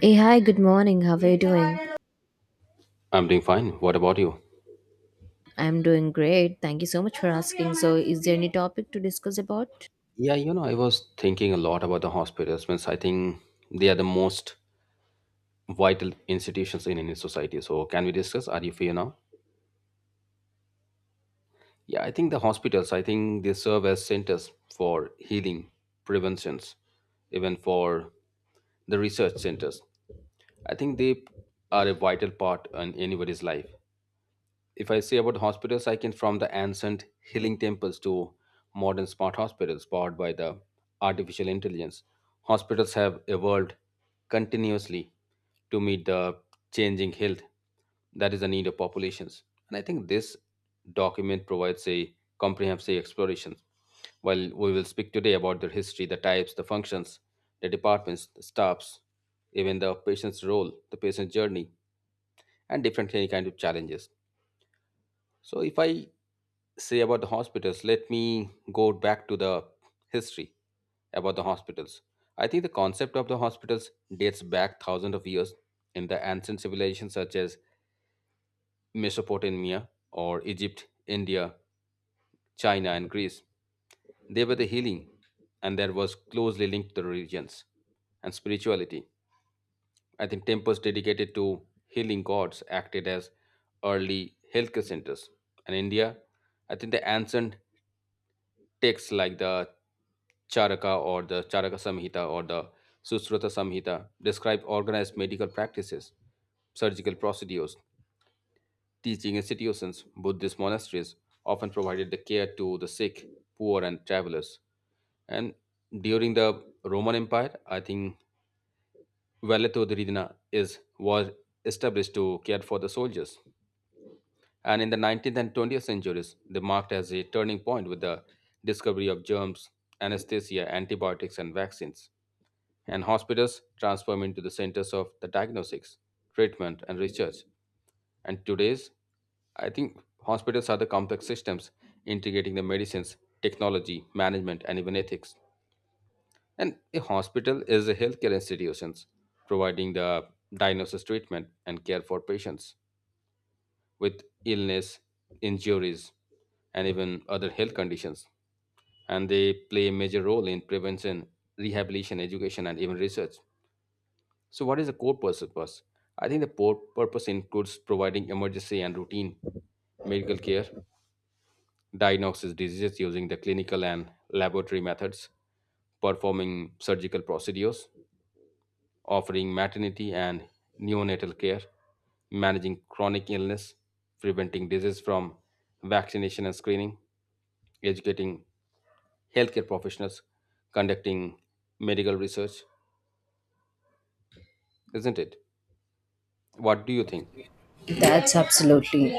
Hey, hi, good morning. How are you doing? I'm doing fine. What about you? I'm doing great. Thank you so much for asking. So, is there any topic to discuss about? Yeah, I was thinking a lot about the hospitals. Means I think they are the most vital institutions in any society. So can we discuss? Are you free now? Yeah, I think the hospitals, I think they serve as centers for healing, preventions, even for the research centers. I think they are a vital part in anybody's life. If I say about hospitals, I can from the ancient healing temples to modern smart hospitals powered by the artificial intelligence. Hospitals have evolved continuously to meet the changing health, that is the need of populations. And I think this document provides a comprehensive exploration. While we will speak today about their history, the types, the functions, the departments, the staffs, even the patient's role, the patient's journey, and different any kind of challenges. So if I say about the hospitals, let me go back to the history about the hospitals. I think the concept of the hospitals dates back thousands of years in the ancient civilizations such as Mesopotamia or Egypt, India, China, and Greece. They were the healing, and there was closely linked to religions and spirituality. I think temples dedicated to healing gods acted as early healthcare centers. And India, I think the ancient texts like the Charaka or the Charaka Samhita or the Sustrata Samhita describe organized medical practices, surgical procedures, teaching institutions, Buddhist monasteries often provided the care to the sick, poor, and travelers. And during the Roman Empire, I think Valeto Ridina is was established to care for the soldiers. And in the 19th and 20th centuries, they marked as a turning point with the discovery of germs, anesthesia, antibiotics, and vaccines. And hospitals transformed into the centers of the diagnostics, treatment, and research. And today's, I think hospitals are the complex systems integrating the medicines, technology, management, and even ethics. And a hospital is a healthcare institutions providing the diagnosis, treatment, and care for patients with illness, injuries, and even other health conditions. And they play a major role in prevention, rehabilitation, education, and even research. So, what is the core purpose? I think the core purpose includes providing emergency and routine medical care, diagnosis diseases using the clinical and laboratory methods, performing surgical procedures, offering maternity and neonatal care, managing chronic illness, preventing disease from vaccination and screening, educating healthcare professionals, conducting medical research, isn't it? What do you think? That's absolutely.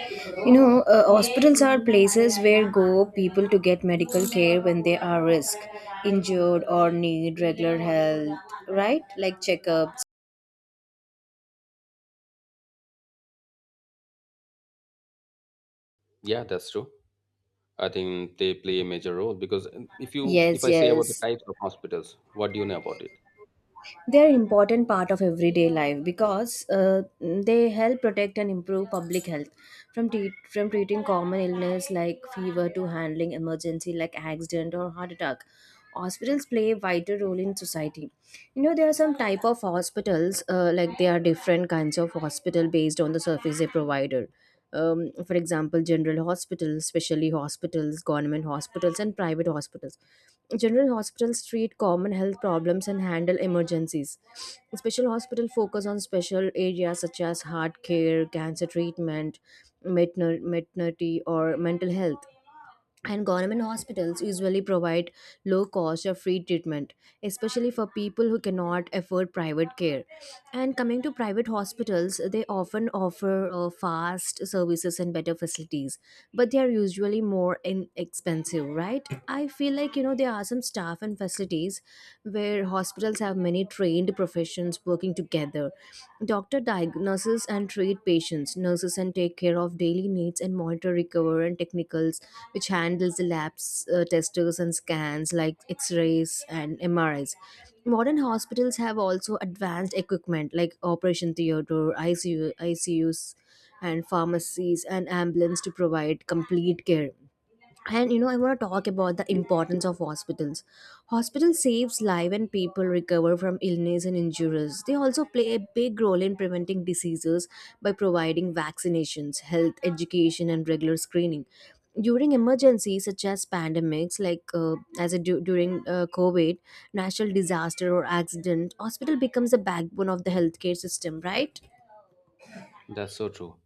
You know, hospitals are places where go people to get medical care when they are risk, injured or need regular health, right? Like checkups. Yeah, that's true. I think they play a major role because if you if Yes, I say about the yes. types of hospitals, what do you know about it? They're important part of everyday life because they help protect and improve public health from treating common illness like fever to handling emergency like accident or heart attack. Hospitals play a vital role in society. You know there are some type of hospitals like there are different kinds of hospital based on the service they provider for example, general hospitals, specialty hospitals, government hospitals, and private hospitals. General hospitals treat common health problems and handle emergencies. Special hospital focus on special areas such as heart care, cancer treatment, maternity or mental health, and government hospitals usually provide low cost or free treatment, especially for people who cannot afford private care. And coming to private hospitals, they often offer fast services and better facilities, but they are usually more inexpensive, right? I feel like, you know, there are some staff and facilities where hospitals have many trained professions working together. Doctor diagnoses and treat patients, nurses and take care of daily needs and monitor recover and technicals, which handles the labs, testers and scans like X-rays and MRIs. Modern hospitals have also advanced equipment like operation theater, ICU, ICUs, and pharmacies and ambulance to provide complete care. And you know, I want to talk about the importance of hospitals. Hospitals saves life and people recover from illness and injuries. They also play a big role in preventing diseases by providing vaccinations, health education, and regular screening. During emergencies such as pandemics like, as a du- during covid, natural disaster or accident, hospital becomes the backbone of the healthcare system, right? That's so true.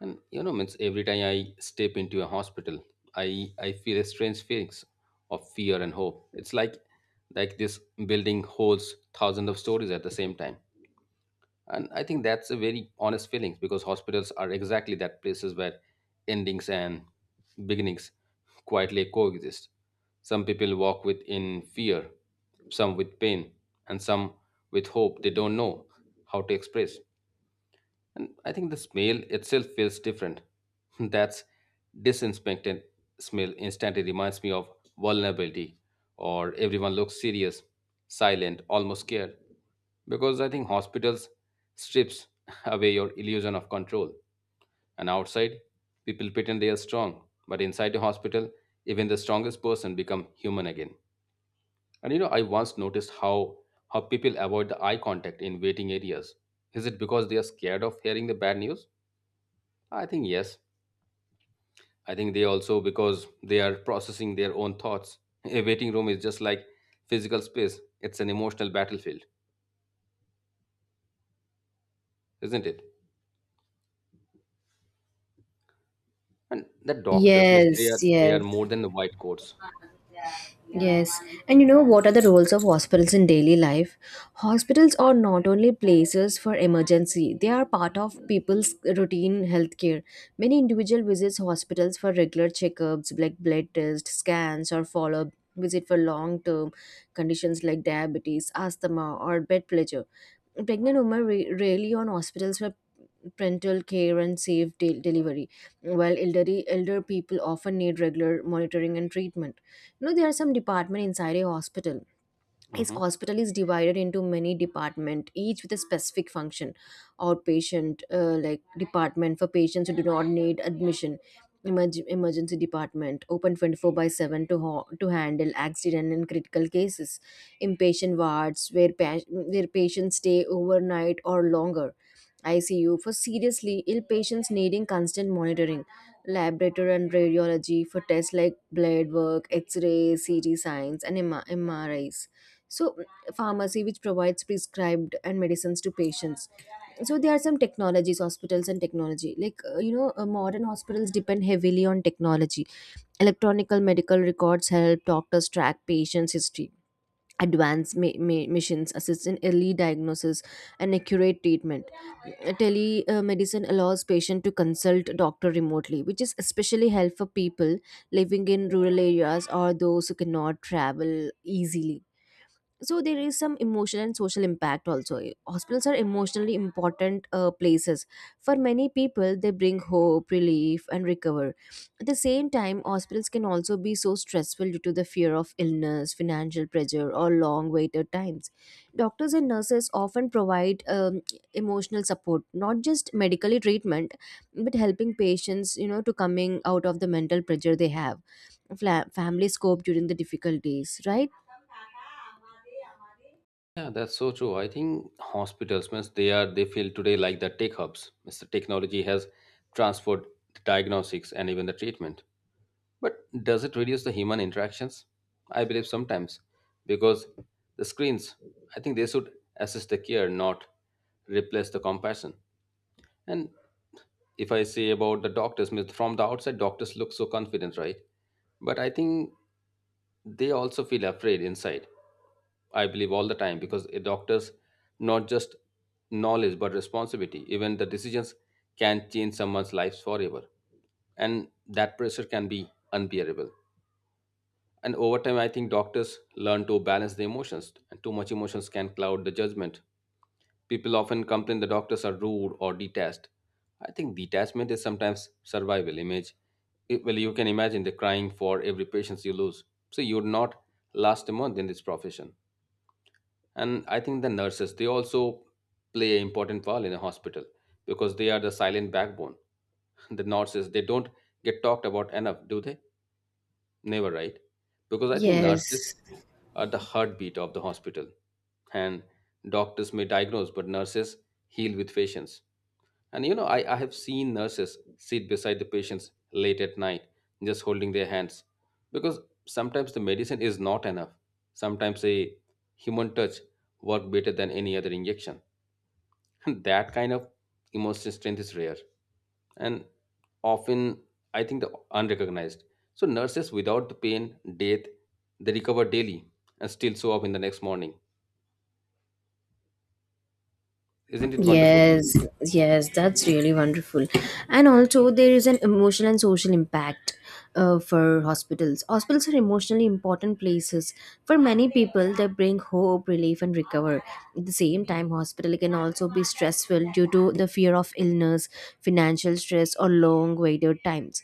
And means every time I step into a hospital, I feel a strange feelings of fear and hope. It's like this building holds thousands of stories at the same time. And I think that's a very honest feeling because hospitals are exactly that places where endings and beginnings quietly coexist. Some people walk with in fear, some with pain, and some with hope they don't know how to express. And I think the smell itself feels different. That's disinspected smell instantly reminds me of vulnerability or everyone looks serious, silent, almost scared. Because I think hospitals strips away your illusion of control. And outside, people pretend they are strong, but inside the hospital, even the strongest person become human again. And I once noticed how people avoid the eye contact in waiting areas. Is it because they are scared of hearing the bad news? I think yes. I think they also because they are processing their own thoughts. A waiting room is just like physical space. It's an emotional battlefield, isn't it? And the doctors, miss, Yes, they are yes. more than the white coats. Yes, and you know, what are the roles of hospitals in daily life? Hospitals are not only places for emergency, they are part of people's routine healthcare. Many individual visits hospitals for regular checkups like blood tests, scans or follow-up visit for long-term conditions like diabetes, asthma or bed pleasure. Rarely on hospitals for parental care and delivery, while elder people often need regular monitoring and treatment. You know, there are some department inside a hospital. His Hmm. hospital is divided into many departments, each with a specific function. Outpatient like department for patients who do not need admission. Emergency department open 24 by 7 to handle accident and critical cases. Inpatient wards where patients stay overnight or longer. ICU for seriously ill patients needing constant monitoring, laboratory and radiology for tests like blood work, X-ray, CT signs, and M R Is. So pharmacy which provides prescribed and medicines to patients. So there are some technologies, hospitals and technology like, modern hospitals depend heavily on technology. Electronic medical records help doctors track patients history. Advanced machines assist in early diagnosis and accurate treatment. Telemedicine allows patient to consult doctor remotely, which is especially helpful for people living in rural areas or those who cannot travel easily. So there is some emotional and social impact also. Hospitals are emotionally important places for many people. They bring hope, relief, and recover. At the same time, hospitals can also be so stressful due to the fear of illness, financial pressure, or long waited times. Doctors and nurses often provide emotional support, not just medically treatment, but helping patients, you know, to coming out of the mental pressure they have. Families cope during the difficulties, right? Yeah, that's so true. I think hospitals, miss, they are they feel today like the tech hubs. Miss, the technology has transferred the diagnostics and even the treatment. But does it reduce the human interactions? I believe sometimes, because the screens, I think they should assist the care, not replace the compassion. And if I say about the doctors, means from the outside, doctors look so confident, right? But I think they also feel afraid inside. I believe all the time because a doctor's not just knowledge but responsibility. Even the decisions can change someone's lives forever, and that pressure can be unbearable. And over time, I think doctors learn to balance the emotions, and too much emotions can cloud the judgment. People often complain the doctors are rude or detached. I think detachment is sometimes survival image. It- well, you can imagine the crying for every patient you lose. So you would not last a month in this profession. And I think the nurses, they also play an important role in a hospital because they are the silent backbone. The nurses, they don't get talked about enough, do they? Never, right? Because I think Yes, nurses are the heartbeat of the hospital. And doctors may diagnose, but nurses heal with patients. And I have seen nurses sit beside the patients late at night, just holding their hands. Because sometimes the medicine is not enough. Sometimes a human touch works better than any other injection. And that kind of emotional strength is rare and often, I think, the unrecognized. So nurses without the pain, death, they recover daily and still show up in the next morning. Isn't it wonderful? yes, yes, that's really wonderful. And also, there is an emotional and social impact for hospitals. Hospitals are emotionally important places. For many people, they bring hope, relief, and recover. At the same time, hospital can also be stressful due to the fear of illness, financial stress, or long waited times.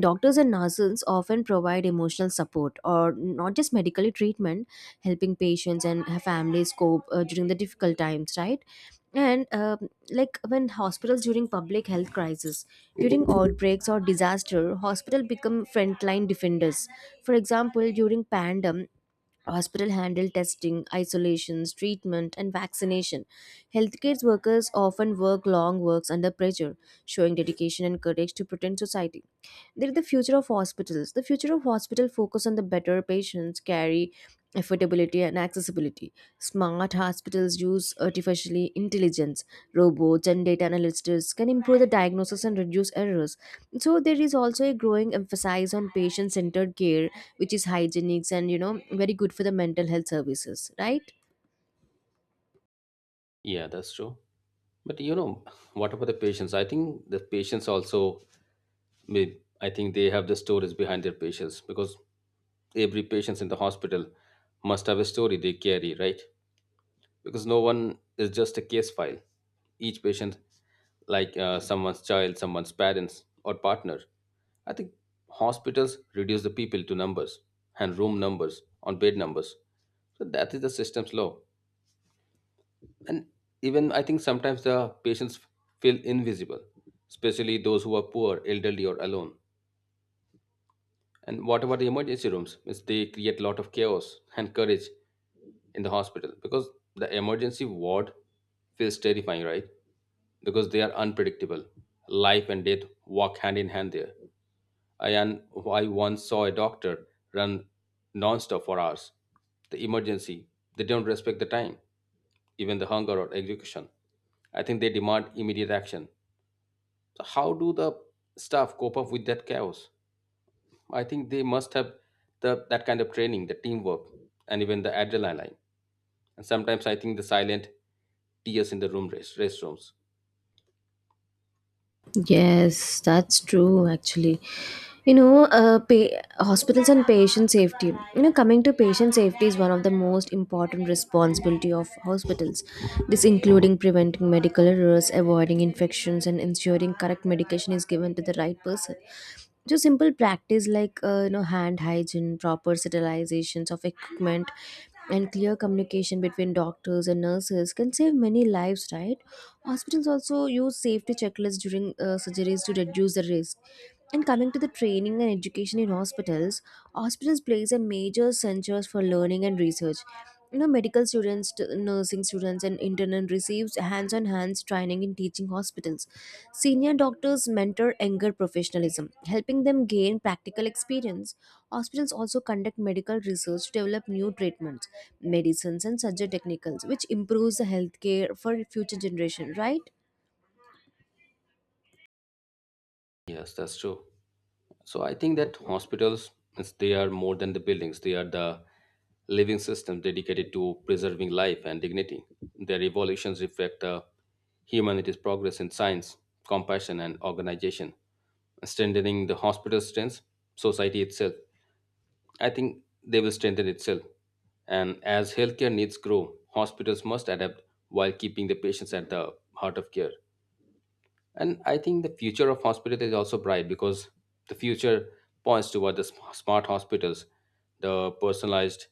Doctors and nurses often provide emotional support or not just medically treatment, helping patients and families cope during the difficult times, right? And like, when hospitals during public health crisis, during outbreaks or disaster, hospital become frontline defenders. For example, during pandemic, hospital handle testing, isolations, treatment, and vaccination. Healthcare workers often work long works under pressure, showing dedication and courage to protect society. They're the future of hospitals. The future of hospital focus on the better patients carry, affordability, and accessibility. Smart hospitals use artificially intelligence, robots, and data analysts can improve the diagnosis and reduce errors. So there is also a growing emphasis on patient-centered care, which is hygienics and, you know, very good for the mental health services, right? Yeah, that's true. But what about the patients? I think the patients also, may- I think they have the stories behind their patients because every patient in the hospital must have a story they carry, right? Because no one is just a case file. Each patient, like someone's child, someone's parents, or partner. I think hospitals reduce the people to numbers and room numbers on bed numbers. So that is the system's law. And even I think sometimes the patients feel invisible, especially those who are poor, elderly, or alone. And what about the emergency rooms? Means they create a lot of chaos and courage in the hospital because the emergency ward feels terrifying, right? Because they are unpredictable. Life and death walk hand in hand there. And I once saw a doctor run nonstop for hours. The emergency, they don't respect the time even the hunger or execution. I think they demand immediate action. So how do the staff cope up with that chaos? I think they must have the that kind of training, the teamwork, and even the adrenaline. And sometimes I think the silent tears in the restrooms. Yes, that's true actually. You know, hospitals and patient safety. You know, coming to patient safety is one of the most important responsibility of hospitals. This including preventing medical errors, avoiding infections, and ensuring correct medication is given to the right person. So simple practice like, you know, hand hygiene, proper sterilizations of equipment, and clear communication between doctors and nurses can save many lives, right? Hospitals also use safety checklists during surgeries to reduce the risk. And coming to the training and education in hospitals, hospitals plays a major centers for learning and research. You know, medical students, nursing students, and intern receives hands-on-hands training in teaching hospitals. Senior doctors mentor younger professionalism, helping them gain practical experience. Hospitals also conduct medical research to develop new treatments, medicines, and surgery technicals, which improves the healthcare for future generation. Right? Yes, that's true. So I think that hospitals, means they are more than the buildings. They are the living system dedicated to preserving life and dignity. Their evolutions reflect the humanity's progress in science, compassion, and organization. Strengthening the hospital strengths, society itself. I think they will strengthen itself. And as healthcare needs grow, hospitals must adapt while keeping the patients at the heart of care. And I think the future of hospital is also bright because the future points toward the sm- smart hospitals, the personalized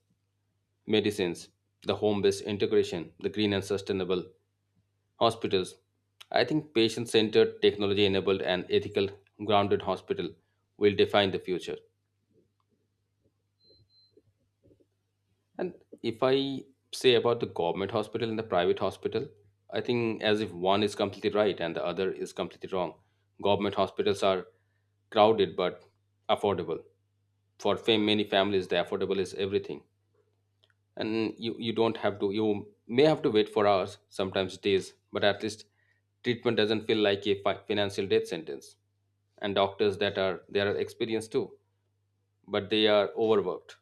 medicines, the home-based integration, the green and sustainable hospitals. I think patient-centered, technology-enabled, and ethical grounded hospital will define the future. And if I say about the government hospital and the private hospital, I think as if one is completely right and the other is completely wrong. Government hospitals are crowded but affordable. For fam- many families the affordable is everything. And you don't have to, you may have to wait for hours sometimes days, but at least treatment doesn't feel like a fi- financial death sentence. And doctors that are they are experienced too, but they are overworked.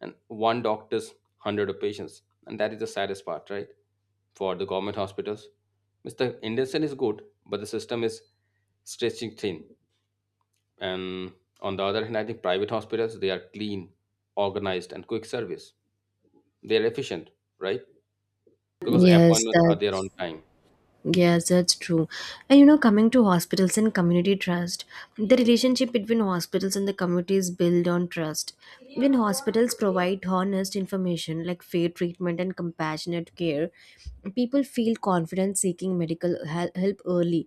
And one doctor's 100 of patients, and that is the saddest part, right? For the government hospitals, mr intention is good, but the system is stretching thin. And on the other hand, I think private hospitals, they are clean, organized, and quick service. They are efficient, right? Because Yes, appointments are that there on time. yes, that's true. And you know, coming to hospitals and community trust, the relationship between hospitals and the community is built on trust. When hospitals provide honest information like fair treatment and compassionate care, people feel confident seeking help early.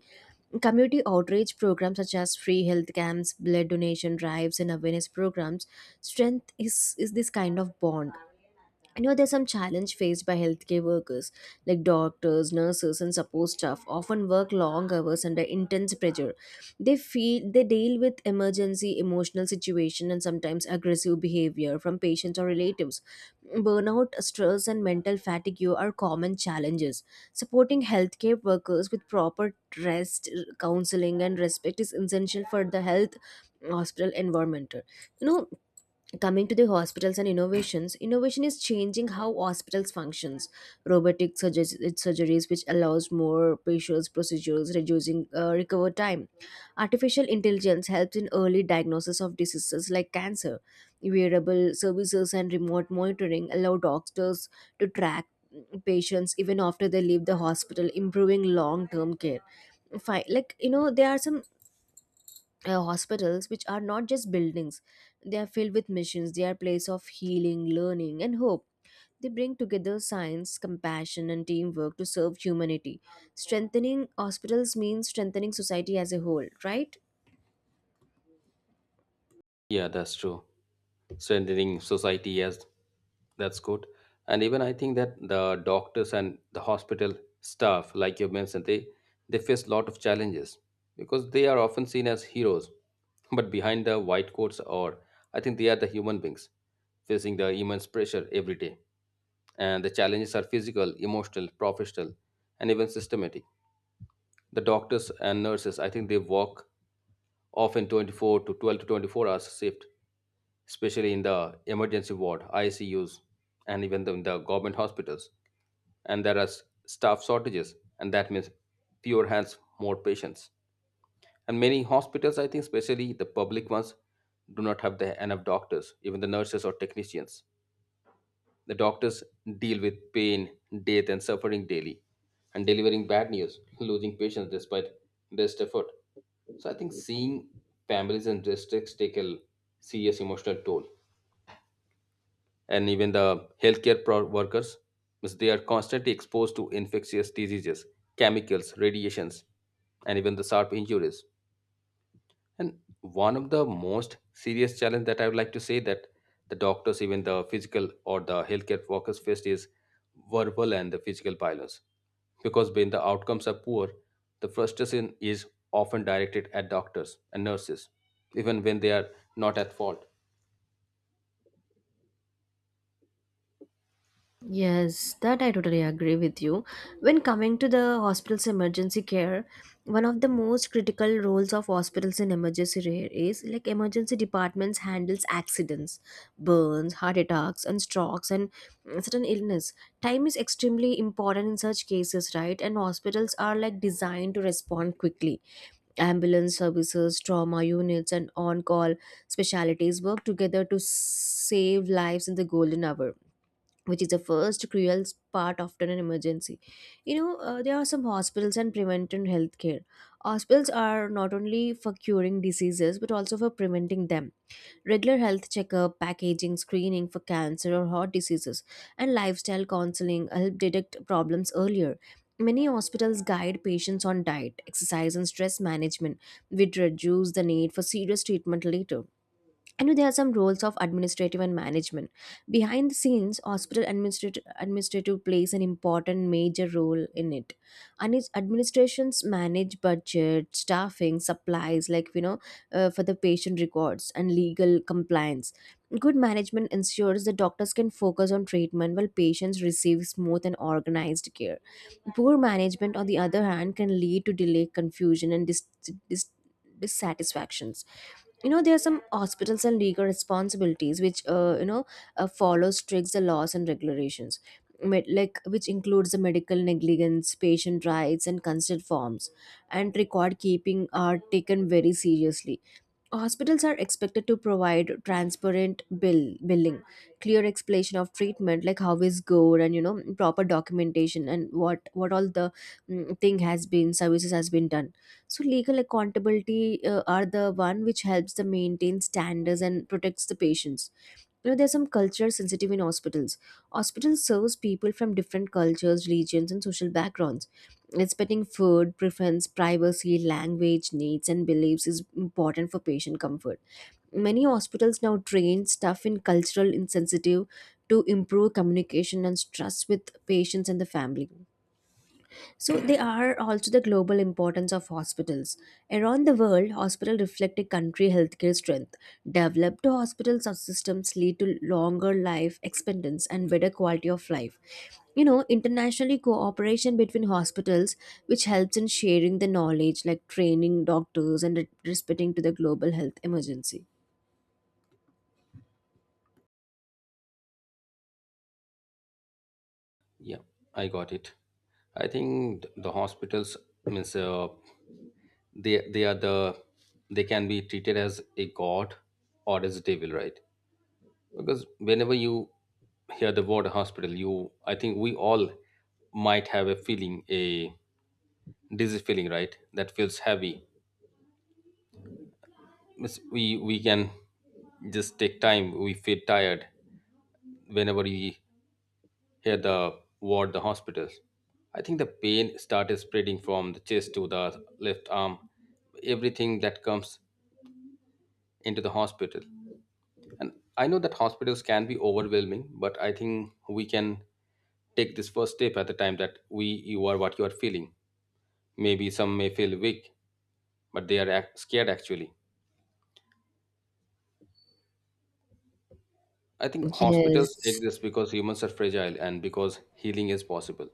Community outreach programs such as free health camps, blood donation drives, and awareness programs strength is this kind of bond. I know there's some challenge faced by healthcare workers, like doctors, nurses, and support staff, often work long hours under intense pressure. They feel they deal with emergency emotional situation and sometimes aggressive behavior from patients or relatives. Burnout, stress, and mental fatigue are common challenges. Supporting healthcare workers with proper rest, counseling, and respect is essential for the health hospital environment. You know, coming to the hospitals and innovations, innovation is changing how hospitals functions. Robotic surgeries which allows more patients procedures reducing recover time. Artificial intelligence helps in early diagnosis of diseases like cancer. Wearable services and remote monitoring allow doctors to track patients even after they leave the hospital, improving long term care. Like, you know, there are some hospitals which are not just buildings, they are filled with missions. They are place of healing, learning, and hope. They bring together science, compassion, and teamwork to serve humanity. Strengthening hospitals means strengthening society as a whole, right? Yeah, that's true. Strengthening society, yes, that's good. And even I think that the doctors and the hospital staff, like you mentioned, they face a lot of challenges because they are often seen as heroes, but behind the white coats, or I think they are the human beings facing the immense pressure every day. And the challenges are physical, emotional, professional, and even systematic. The doctors and nurses, I think they work often 24 to 12 to 24 hours shift, especially in the emergency ward, ICUs, and even the, in the government hospitals. And there are s- staff shortages, and that means fewer hands, more patients. And many hospitals, I think, especially the public ones, do not have the enough doctors, even the nurses or technicians. The doctors deal with pain, death, and suffering daily, and delivering bad news, losing patients despite best effort. So I think seeing families and districts take a serious emotional toll, and even the workers, means they are constantly exposed to infectious diseases, chemicals, radiations, and even the sharp injuries. And one of the most serious challenge that I would like to say that the doctors, even the physical or the healthcare workers faced is verbal and the physical violence. Because when the outcomes are poor, the frustration is often directed at doctors and nurses, even when they are not at fault. Yes, that I totally agree with you. When coming to the hospital's emergency care, one of the most critical roles of hospitals in emergency care is like emergency departments handles accidents, burns, heart attacks, and strokes and certain illness. Time is extremely important in such cases, right? And hospitals are like designed to respond quickly. Ambulance services, trauma units, and on-call specialties work together to save lives in the golden hour, which is the first cruel part after an emergency. You know, there are some hospitals and preventive healthcare. Hospitals are not only for curing diseases but also for preventing them. Regular health checkup, packaging, screening for cancer or heart diseases, and lifestyle counseling help detect problems earlier. Many hospitals guide patients on diet, exercise, and stress management, which reduce the need for serious treatment later. I know there are some roles of administrative and management. Behind the scenes, hospital administrative plays an important major role in it. And its administrations manage budget, staffing, supplies, like, you know, for the patient records and legal compliance. Good management ensures that doctors can focus on treatment while patients receive smooth and organized care. Poor management, on the other hand, can lead to delay, confusion, and dis- dissatisfactions. You know, there are some hospitals and legal responsibilities which, follow strict laws and regulations. Like, which includes the medical negligence, patient rights, and consent forms, and record keeping are taken very seriously. Hospitals are expected to provide transparent bill billing, clear explanation of treatment like how is good and, you know, proper documentation and what all the mm, thing has been services has been done. So legal accountability are the one which helps the maintain standards and protects the patients. You know, there's some culture sensitive in hospitals. Hospitals serves people from different cultures, religions, and social backgrounds. Respecting food, preference, privacy, language, needs, and beliefs is important for patient comfort. Many hospitals now train staff in cultural insensitive to improve communication and trust with patients and the family. So they are also the global importance of hospitals. Around the world, hospitals reflect a country healthcare strength. Developed hospitals or systems lead to longer life expectancy and better quality of life. Internationally cooperation between hospitals, which helps in sharing the knowledge, like training doctors and respecting to the global health emergency. Yeah, I got it. I think the hospitals means they are the they can be treated as a god or as a devil, right? Because whenever you hear the word hospital, you, I think we all might have a feeling, a dizzy feeling, right? That feels heavy. We can just take time. We feel tired whenever we hear the word the hospitals. I think the pain started spreading from the chest to the left arm, everything that comes into the hospital. And I know that hospitals can be overwhelming, but I think we can take this first step at the time that we you are what you are feeling. Maybe some may feel weak, but they are scared actually. I think hospitals Yes. exist because humans are fragile and because healing is possible.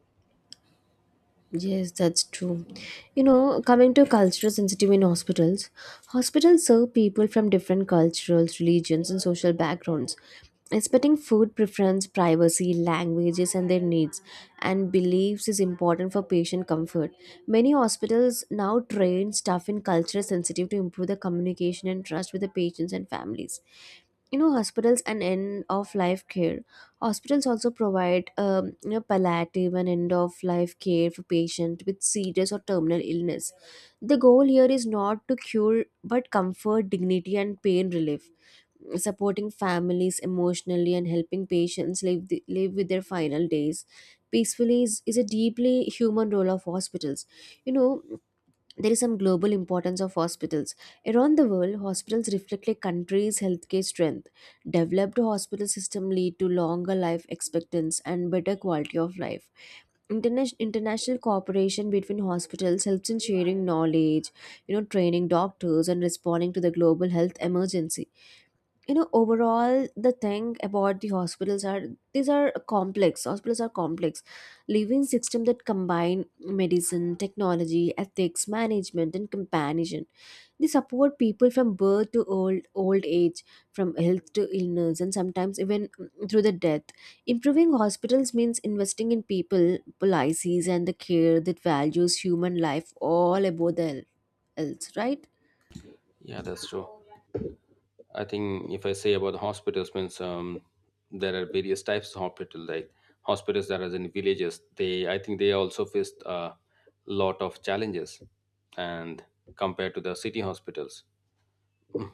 Yes, that's true. You know, coming to cultural sensitive in hospitals, hospitals serve people from different cultures, religions, and social backgrounds, respecting food preference, privacy, languages, and their needs, and beliefs is important for patient comfort. Many hospitals now train staff in cultural sensitive to improve the communication and trust with the patients and families. You know, hospitals and end of life care, hospitals also provide palliative and end of life care for patients with serious or terminal illness. The goal here is not to cure but comfort, dignity, and pain relief. Supporting families emotionally and helping patients live with their final days peacefully is a deeply human role of hospitals. You know, there is some global importance of hospitals. Around the world, hospitals reflect a country's healthcare strength. Developed hospital system lead to longer life expectancy and better quality of life. International cooperation between hospitals helps in sharing knowledge, you know, training doctors and responding to the global health emergency. You know, overall the thing about the hospitals are, these are complex, hospitals are complex living system that combine medicine, technology, ethics, management, and companionship. They support people from birth to old age, from health to illness, and sometimes even through the death. Improving hospitals means investing in people, policies, and the care that values human life all above the else, right? Yeah, that's true. I think if I say about the hospitals, means there are various types of hospital, like hospitals that are in villages. They, I think, they also faced a lot of challenges, and compared to the city hospitals.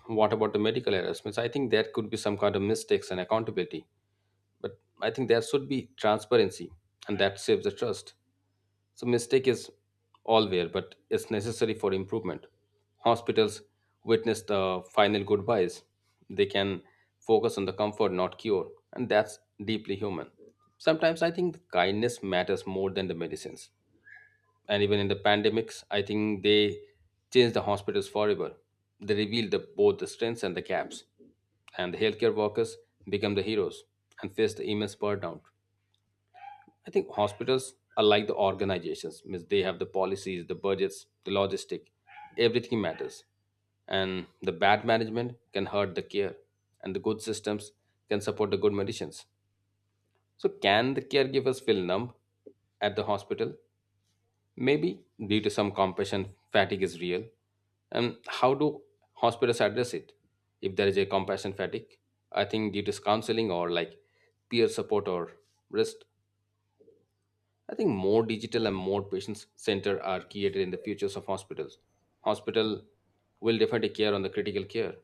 What about the medical errors? Means I think there could be some kind of mistakes and accountability. But I think there should be transparency, and that saves the trust. So, mistake is allware, but it's necessary for improvement. Hospitals witness the final goodbyes. They can focus on the comfort, not cure, and that's deeply human. Sometimes I think kindness matters more than the medicines. And even in the pandemics, I think they changed the hospitals forever. They revealed the, both the strengths and the gaps, and the healthcare workers become the heroes and face the immense burnout. I think hospitals are like the organizations, means they have the policies, the budgets, the logistic, everything matters. And the bad management can hurt the care, and the good systems can support the good medicines. So can the caregivers feel numb at the hospital? Maybe due to some compassion fatigue is real. And how do hospitals address it? If there is a compassion fatigue, I think due to counseling or like peer support or risk. I think more digital and more patient center are created in the futures of hospitals. Hospital will definitely care on the critical care.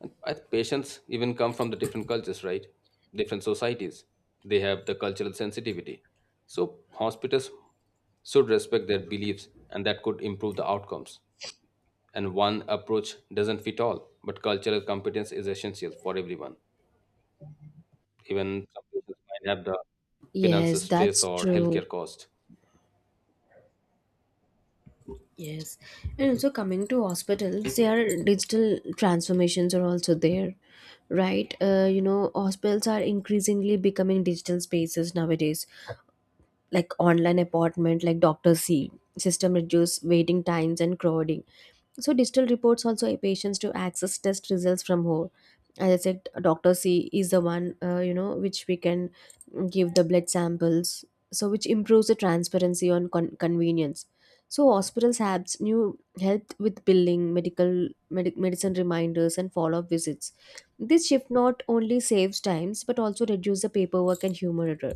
And I think patients even come from the different cultures, right? Different societies. They have the cultural sensitivity. So hospitals should respect their beliefs, and that could improve the outcomes. And one approach doesn't fit all, but cultural competence is essential for everyone. Even some patients might have the Yes, finances stress that's or true. healthcare cost. Yes, and also coming to hospitals, their digital transformations are also there, right? Hospitals are increasingly becoming digital spaces nowadays, like online appointment, like doctor C system reduce waiting times and crowding. So digital reports also help patients to access test results from home. As I said, Doctor C is the one which we can give the blood samples, so which improves the transparency on convenience. So hospitals have new help with billing, medical medic medicine reminders, and follow up visits. This shift not only saves times but also reduces the paperwork and human error.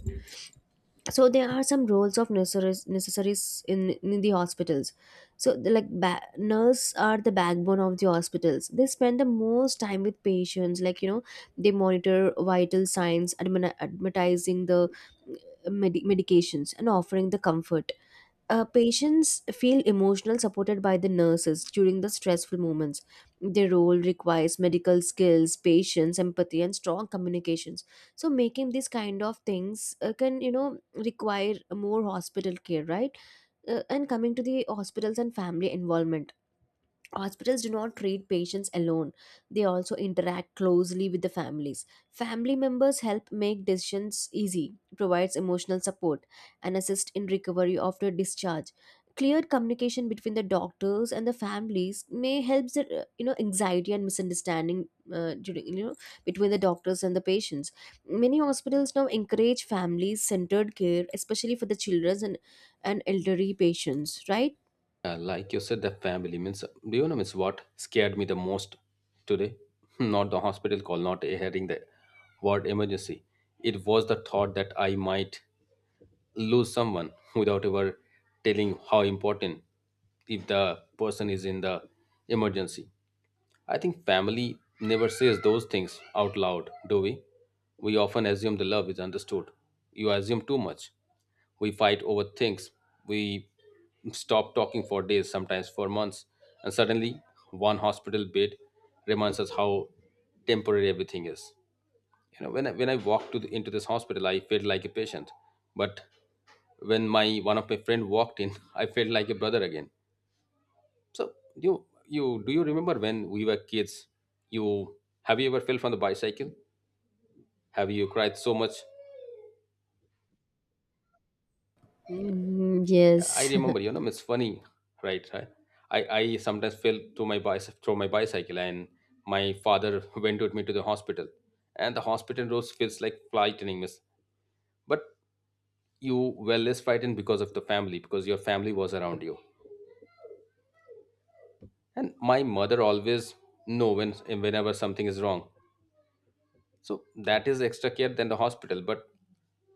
So there are some roles of necessaries in the hospitals. So the, like nurse are the backbone of the hospitals. They spend the most time with patients, like you know, they monitor vital signs, advertising the medications, and offering the comfort. Patients feel emotional supported by the nurses during the stressful moments. Their role requires medical skills, patience, empathy, and strong communications. So, making these kind of things can, you know, require more hospital care, right? And coming to the hospitals and family involvement. Hospitals do not treat patients alone. They also interact closely with the families. Family members help make decisions easy, provides emotional support, and assist in recovery after discharge. Clear communication between the doctors and the families may help the anxiety and misunderstanding during between the doctors and the patients. Many hospitals now encourage family-centered care, especially for the children and elderly patients, right? Yeah, like you said, the family means. Do you know means what scared me the most today? Not the hospital call, not hearing the word emergency. It was the thought that I might lose someone without ever telling how important if the person is in the emergency. I think family never says those things out loud, do we? We often assume the love is understood. You assume too much. We fight over things. We stop talking for days, sometimes for months. And suddenly, one hospital bed reminds us how temporary everything is. You know, when I walked to into this hospital, I felt like a patient. But when my one of my friend walked in, I felt like a brother again. So you remember when we were kids? You Have you ever fell from the bicycle? Have you cried so much? Mm, Yeah, I yes. remember. You know, it's funny, right? I sometimes fell to my bicycle through my bicycle, and my father went with me to the hospital, and the hospital roads feels like frightening, miss. But you were less frightened because of the family, because your family was around you. And my mother always know whenever something is wrong. So that is extra care than the hospital. But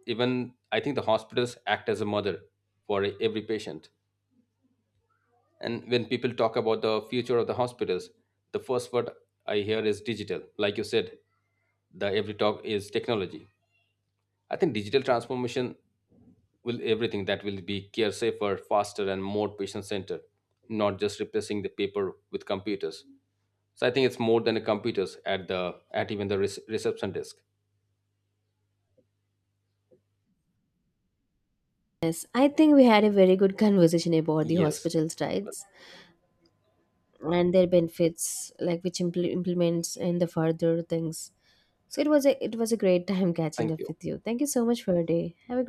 even I think the hospitals act as a mother for every patient. And when people talk about the future of the hospitals, the first word I hear is digital. Like you said, the every talk is technology. I think digital transformation will everything that will be care safer, faster, and more patient centered, not just replacing the paper with computers. So I think it's more than the computers at the at even the reception desk. Yes, I think we had a very good conversation about the Yes, hospital's rights and their benefits, like which implements and the further things. So it was a great time catching thank up you. with you. Thank you so much for your day. Have a